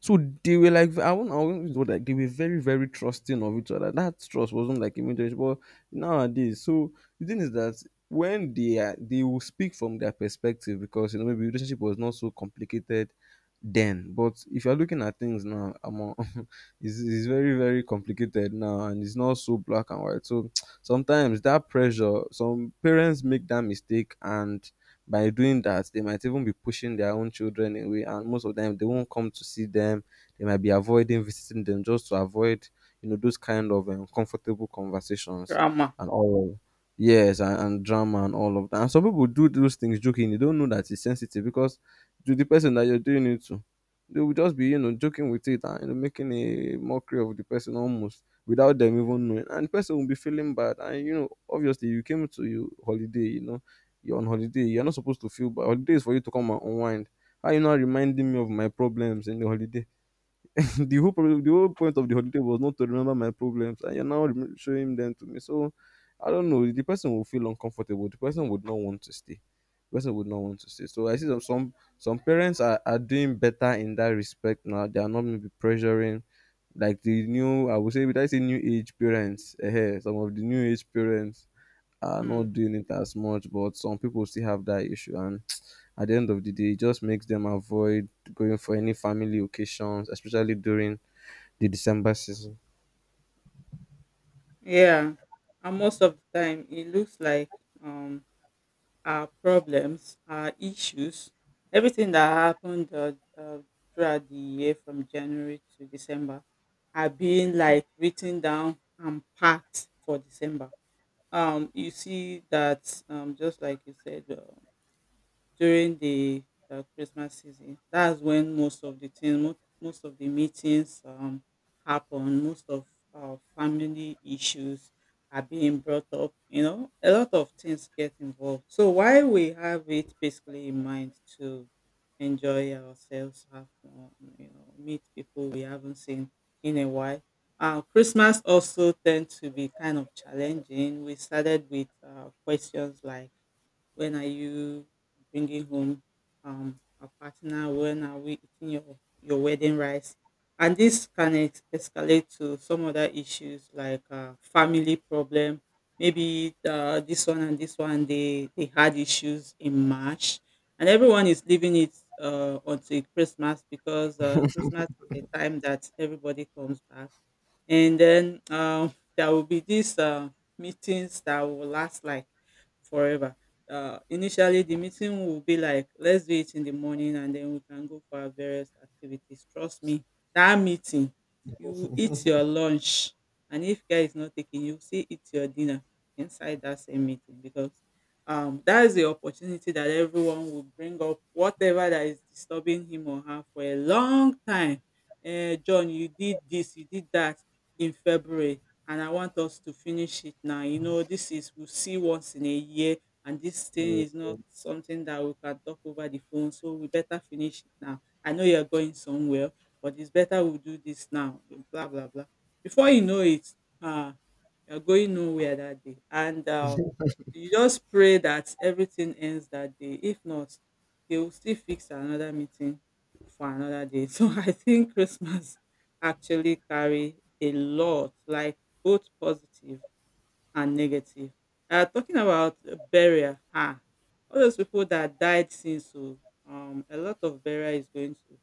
B: So they were like, I won't use the word like they were very, very trusting of each other. That trust wasn't like immediate, but nowadays. So the thing is that, they will speak from their perspective, because maybe relationship was not so complicated then. But if you're looking at things now, among it's very, very complicated now, and it's not so black and white. So sometimes that pressure, some parents make that mistake, and by doing that they might even be pushing their own children away, and most of them, they won't come to see them. They might be avoiding visiting them just to avoid, those kind of uncomfortable conversations
A: Drama.
B: and all. Yes, and drama and all of that. And some people do those things joking, you don't know that it's sensitive, because to the person that you're doing it to, they will just be, joking with it, and, making a mockery of the person almost without them even knowing, and the person will be feeling bad, and obviously you came to your holiday, you're on holiday. You're not supposed to feel bad. Holiday is for you to come and unwind. How you not reminding me of my problems in the holiday? The whole problem, the whole point of the holiday was not to remember my problems, and you're now showing them to me. So I don't know. The person will feel uncomfortable. The person would not want to stay. The person would not want to stay. So I see some parents are doing better in that respect now. They are not maybe pressuring like the new, I would say, would I say, new age parents. Some of the new age parents are
A: Hmm.
B: not doing it as much, but some people still have that issue. And at the end of the day, it just makes them avoid going for any family occasions, especially during the December season.
A: Yeah. And most of the time, it looks like um, our problems, our issues, everything that happened throughout the year from January to December are being like written down and packed for December. You see that just like you said, during the Christmas season. That's when most of the things, most of the meetings happen. Most of our family issues are being brought up. A lot of things get involved. So why we have it basically in mind to enjoy ourselves, have fun, meet people we haven't seen in a while. Christmas also tend to be kind of challenging. We started with questions like when are you bringing home a partner? When are we eating your wedding rice? And this can escalate to some other issues like family problem. Maybe this one and this one, they had issues in March. And everyone is leaving it until Christmas because Christmas is the time that everybody comes back, and then there will be these meetings that will last like forever. Initially, the meeting will be like, let's do it in the morning, and then we can go for our various activities. Trust me, that meeting, you will eat your lunch, and if guy is not taking, you will still eat your dinner inside that same meeting because that is the opportunity that everyone will bring up whatever that is disturbing him or her for a long time. Eh, John, you did this, you did that in February, and I want us to finish it now. This is we see once in a year, and this thing
B: Yeah,
A: is not something that we can talk over the phone. So we better finish it now. I know you're going somewhere, but it's better we do this now. Blah blah blah. Before you know it, uh, you're going nowhere that day. And you just pray that everything ends that day. If not, they will still fix another meeting for another day. So I think Christmas actually carry a lot, like both positive and negative. Talking about burial, ah, all those people that died since, oh, a lot of burial is going to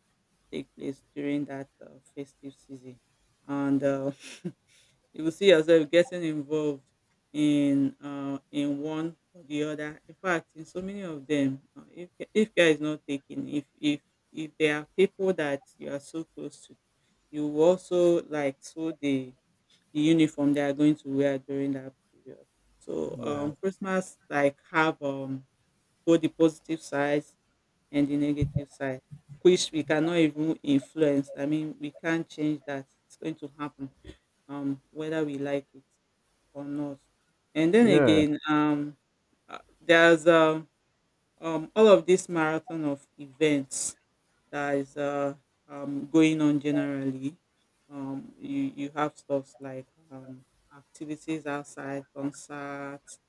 A: take place during that festive season, and you will see yourself getting involved in one or the other. In fact, in so many of them, if care is not taken, if there are people that you are so close to, you will also like sew the uniform they are going to wear during that period. So
B: yeah.
A: Christmas like have both the positive sides and the negative side, which we cannot even influence. I mean we can't change that. It's going to happen, whether we like it or not. And then
B: Yeah.
A: again, there's all of this marathon of events that is going on generally. You have stuff like um, activities outside, concerts,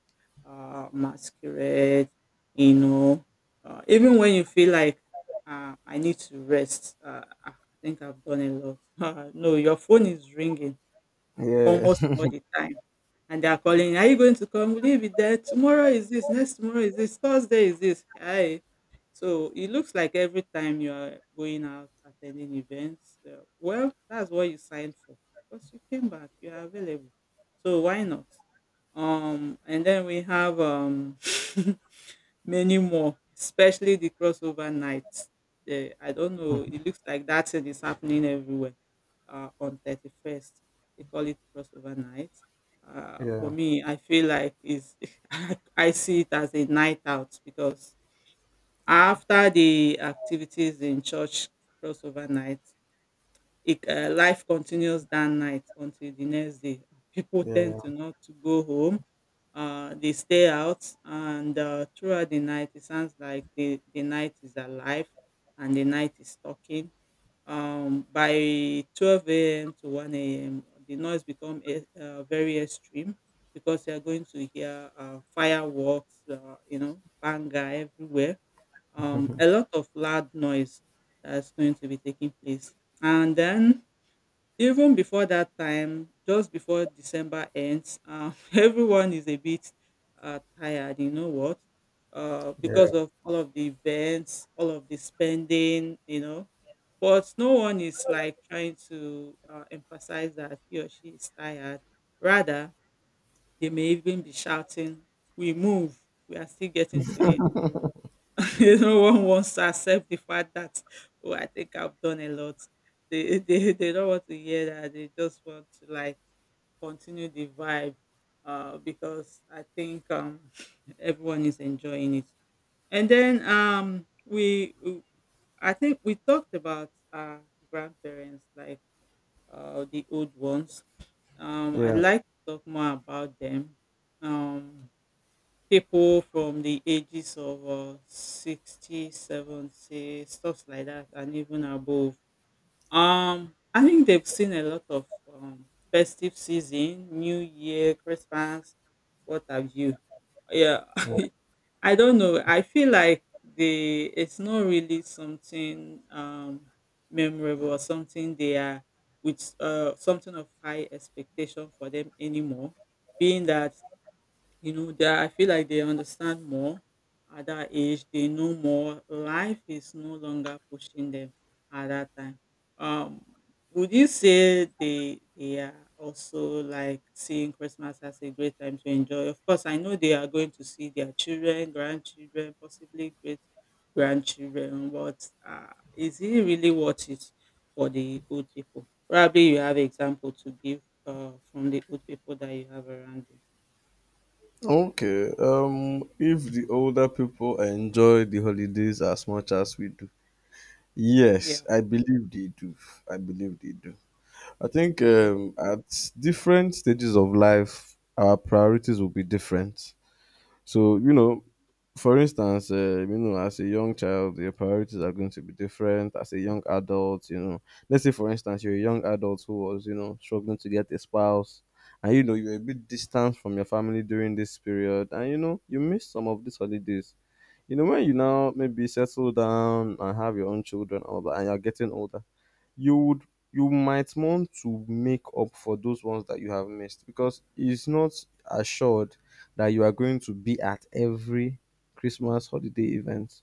A: masquerade, you know. Even when you feel like I need to rest, I think I've done a lot. No, your phone is ringing
B: Yeah.
A: almost all the time. And they are calling, "Are you going to come? Will you be there? Tomorrow is this, next tomorrow is this, Thursday is this." Aye. So it looks like every time you are going out attending events, well, that's what you signed for because you came back, you are available. So why not? And then we have many more, especially the crossover nights. Eh, I don't know. It looks like that thing is happening everywhere on 31st. They call it crossover night. For
B: Yeah.
A: me, I feel like is I see it as a night out because after the activities in church crossover night, life continues that night until the next day. People tend
B: Yeah.
A: to not to go home. They stay out, and throughout the night, it sounds like the night is alive and the night is talking. By 12 a.m. to 1 a.m., the noise become very extreme because you are going to hear fireworks, banger everywhere. A lot of loud noise that's going to be taking place. And then even before that time, just before December ends, everyone is a bit tired, you know what? Because
B: Yeah.
A: of all of the events, all of the spending. But no one is like trying to emphasize that he or she is tired. Rather, they may even be shouting, "We move, we are still getting to it." No one wants to accept the fact that, oh, I think I've done a lot. They they don't want to hear that. They just want to like continue the vibe because I think everyone is enjoying it. And then we I think we talked about our grandparents like the old ones. I'd
B: Yeah.
A: like to talk more about them. Um people from the ages of 60, 70, stuff like that, and even above, I think they've seen a lot of um, festive season, new year, Christmas, what have you. Yeah. I don't know. I feel like they, it's not really something memorable or something they are with something of high expectation for them anymore, being that they. I feel like they understand more at that age. They know more. Life is no longer pushing them at that time. Um, would you say they are also like seeing Christmas as a great time to enjoy? Of course, I know they are going to see their children, grandchildren, possibly great grandchildren. But is it really worth it for the old people? Probably you have example to give from the old people that you have around you.
B: Okay. If the older people enjoy the holidays as much as we do, yes,
A: Yeah.
B: I believe they do. I believe they do. I think
A: Okay.
B: at different stages of life, our priorities will be different. So, you know, for instance, you know, as a young child, your priorities are going to be different. As a young adult, you know, let's say, for instance, you're a young adult who was, you know, struggling to get a spouse, and, you know, you're a bit distant from your family during this period, and, you know, you miss some of these holidays. You know, when you now maybe settle down and have your own children, and all that, and you're getting older, you would, you might want to make up for those ones that you have missed because it's not assured that you are going to be at every Christmas holiday event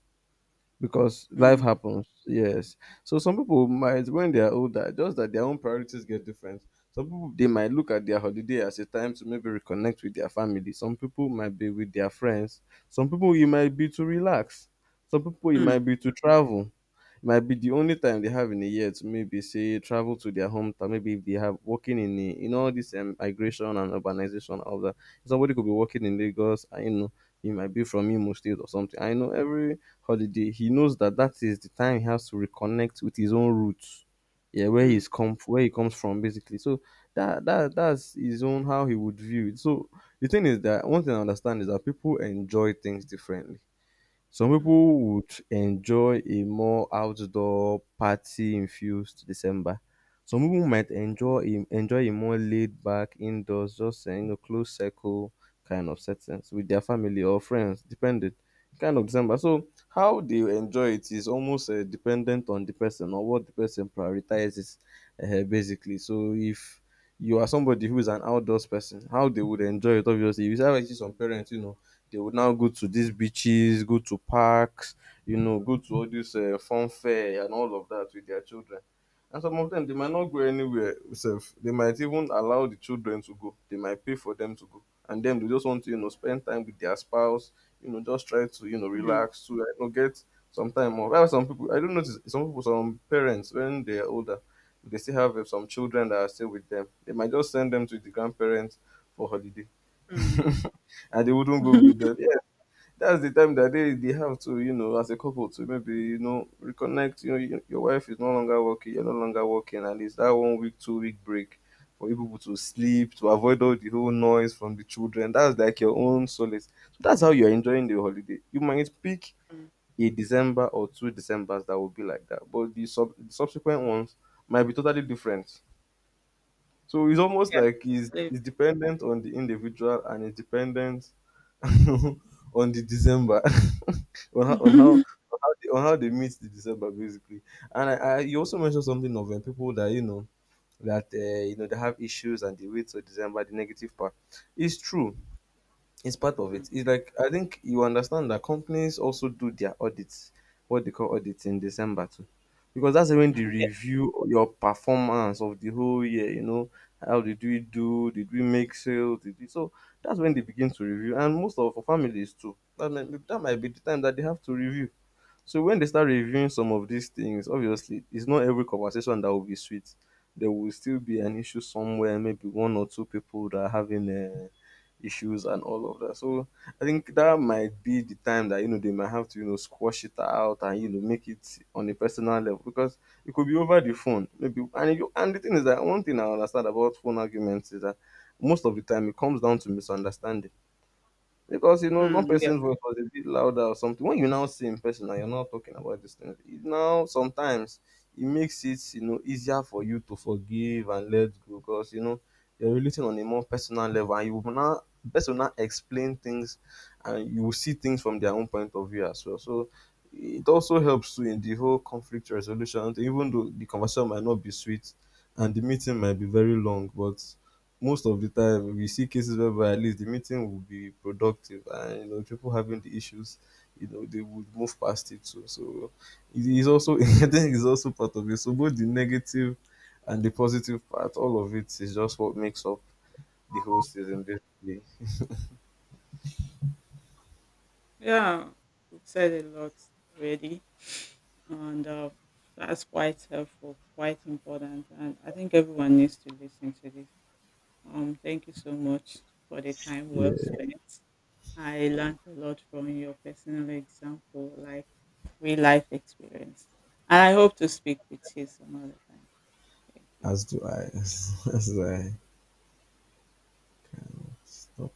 B: because life
A: Mm,
B: happens. Yes. So some people might, when they are older, just that their own priorities get different. Some people, they might look at their holiday as a time to maybe reconnect with their family. Some people might be with their friends. Some people you might be to relax. Some people you might
A: mm,
B: be to travel. It might be the only time they have in a year to maybe say travel to their hometown. Maybe if they have working in a, you know, all this migration and urbanization, all that. Somebody could be working in Lagos. I know he might be from Imo State or something. I know every holiday he knows that that is the time he has to reconnect with his own roots. Yeah, where
A: mm,
B: he's come, where he comes from basically. So that's his own, how he would view it. So the thing is that one thing I understand is that people enjoy things differently. Some
A: mm,
B: people would enjoy a more outdoor party-infused December. Some people might enjoy a, enjoy a more laid-back indoors, just you know, close circle kind of settings with their family or friends, depending kind of December. So how they enjoy it is almost dependent on the person or what the person prioritizes, basically. So if you are somebody who is an outdoors person, how they would enjoy it, obviously. You have actually some parents, you know, they would now go to these beaches, go to parks, you know, go to all this fun fair and all of that with their children. And some of them, they might not go anywhere. Sef. They might even allow the children to go. They might pay for them to go. And then they just want to, you know, spend time with their spouse, you know, just try to, you know,
A: mm,
B: relax, to, you know, get some time off. I have some people, I don't notice, some people, some parents, when they're older, they still have some children that are still with them. They might just send them to the grandparents for holiday.
A: mm,
B: And they wouldn't go with them. Yeah, that's the time that they have to, you know, as a couple to maybe, you know, reconnect. You know, you, your wife is no longer working, you're no longer working, and it's that 1 week, 2 week break for you people to sleep, to avoid all the whole noise from the children. That's like your own solace. So that's how you're enjoying the holiday. You might pick
A: mm.
B: a December or two Decembers that will be like that, but the subsequent ones might be totally different. So it's almost
A: Yeah,
B: like
A: I
B: he's,
A: believe
B: he's
A: it.
B: dependent on the individual and it's dependent on the December, on how on how on on how they meet the December basically. And I you also mentioned something of people that you know they have issues and they wait till December, the negative part. It's true. It's part of
A: Mm,
B: it. It's like I think you understand that companies also do their audits, what they call audits, in December too, because that's when they
A: mm, yes.
B: review your performance of the whole year. You know, how did we do? Did we make sales? Did we? So that's when they begin to review, and most of our families too. That might be the time that they have to review. So when they start reviewing some of these things, obviously, it's not every conversation that will be sweet. There will still be an issue somewhere, maybe one or two people that are having issues and all of that. So I think that might be the time that, you know, they might have to, you know, squash it out and, you know, make it on a personal level because it could be over the phone, maybe. And if you, and the thing is that one thing I understand about phone arguments is that most of the time it comes down to misunderstanding because, you know, one
A: Mm, yeah.
B: person's voice was a bit louder or something. When you now see in person and you're not talking about these things, it now sometimes it makes it, you know, easier for you to forgive and let go because you know you're relating on a more personal level and you will now, the person will now explain things and you will see things from their own point of view as well. So it also helps too in the whole conflict resolution, even though the conversation might not be sweet and the meeting might be very long, but most of the time we see cases whereby at least the meeting will be productive and you know people having the issues, you know, they would move past it. So it is also I think it's also part of it. So both the negative and the positive part, all of it is just what makes up the whole season basically.
A: Yeah, we've said a lot already, and that's quite helpful, quite important, and I think everyone needs to listen to this. Thank you so much for the time well
B: Yeah,
A: spent. I learned a lot from your personal example, like real life experience. And I hope to speak with you some other time. Thank you.
B: as do I. As do I. So,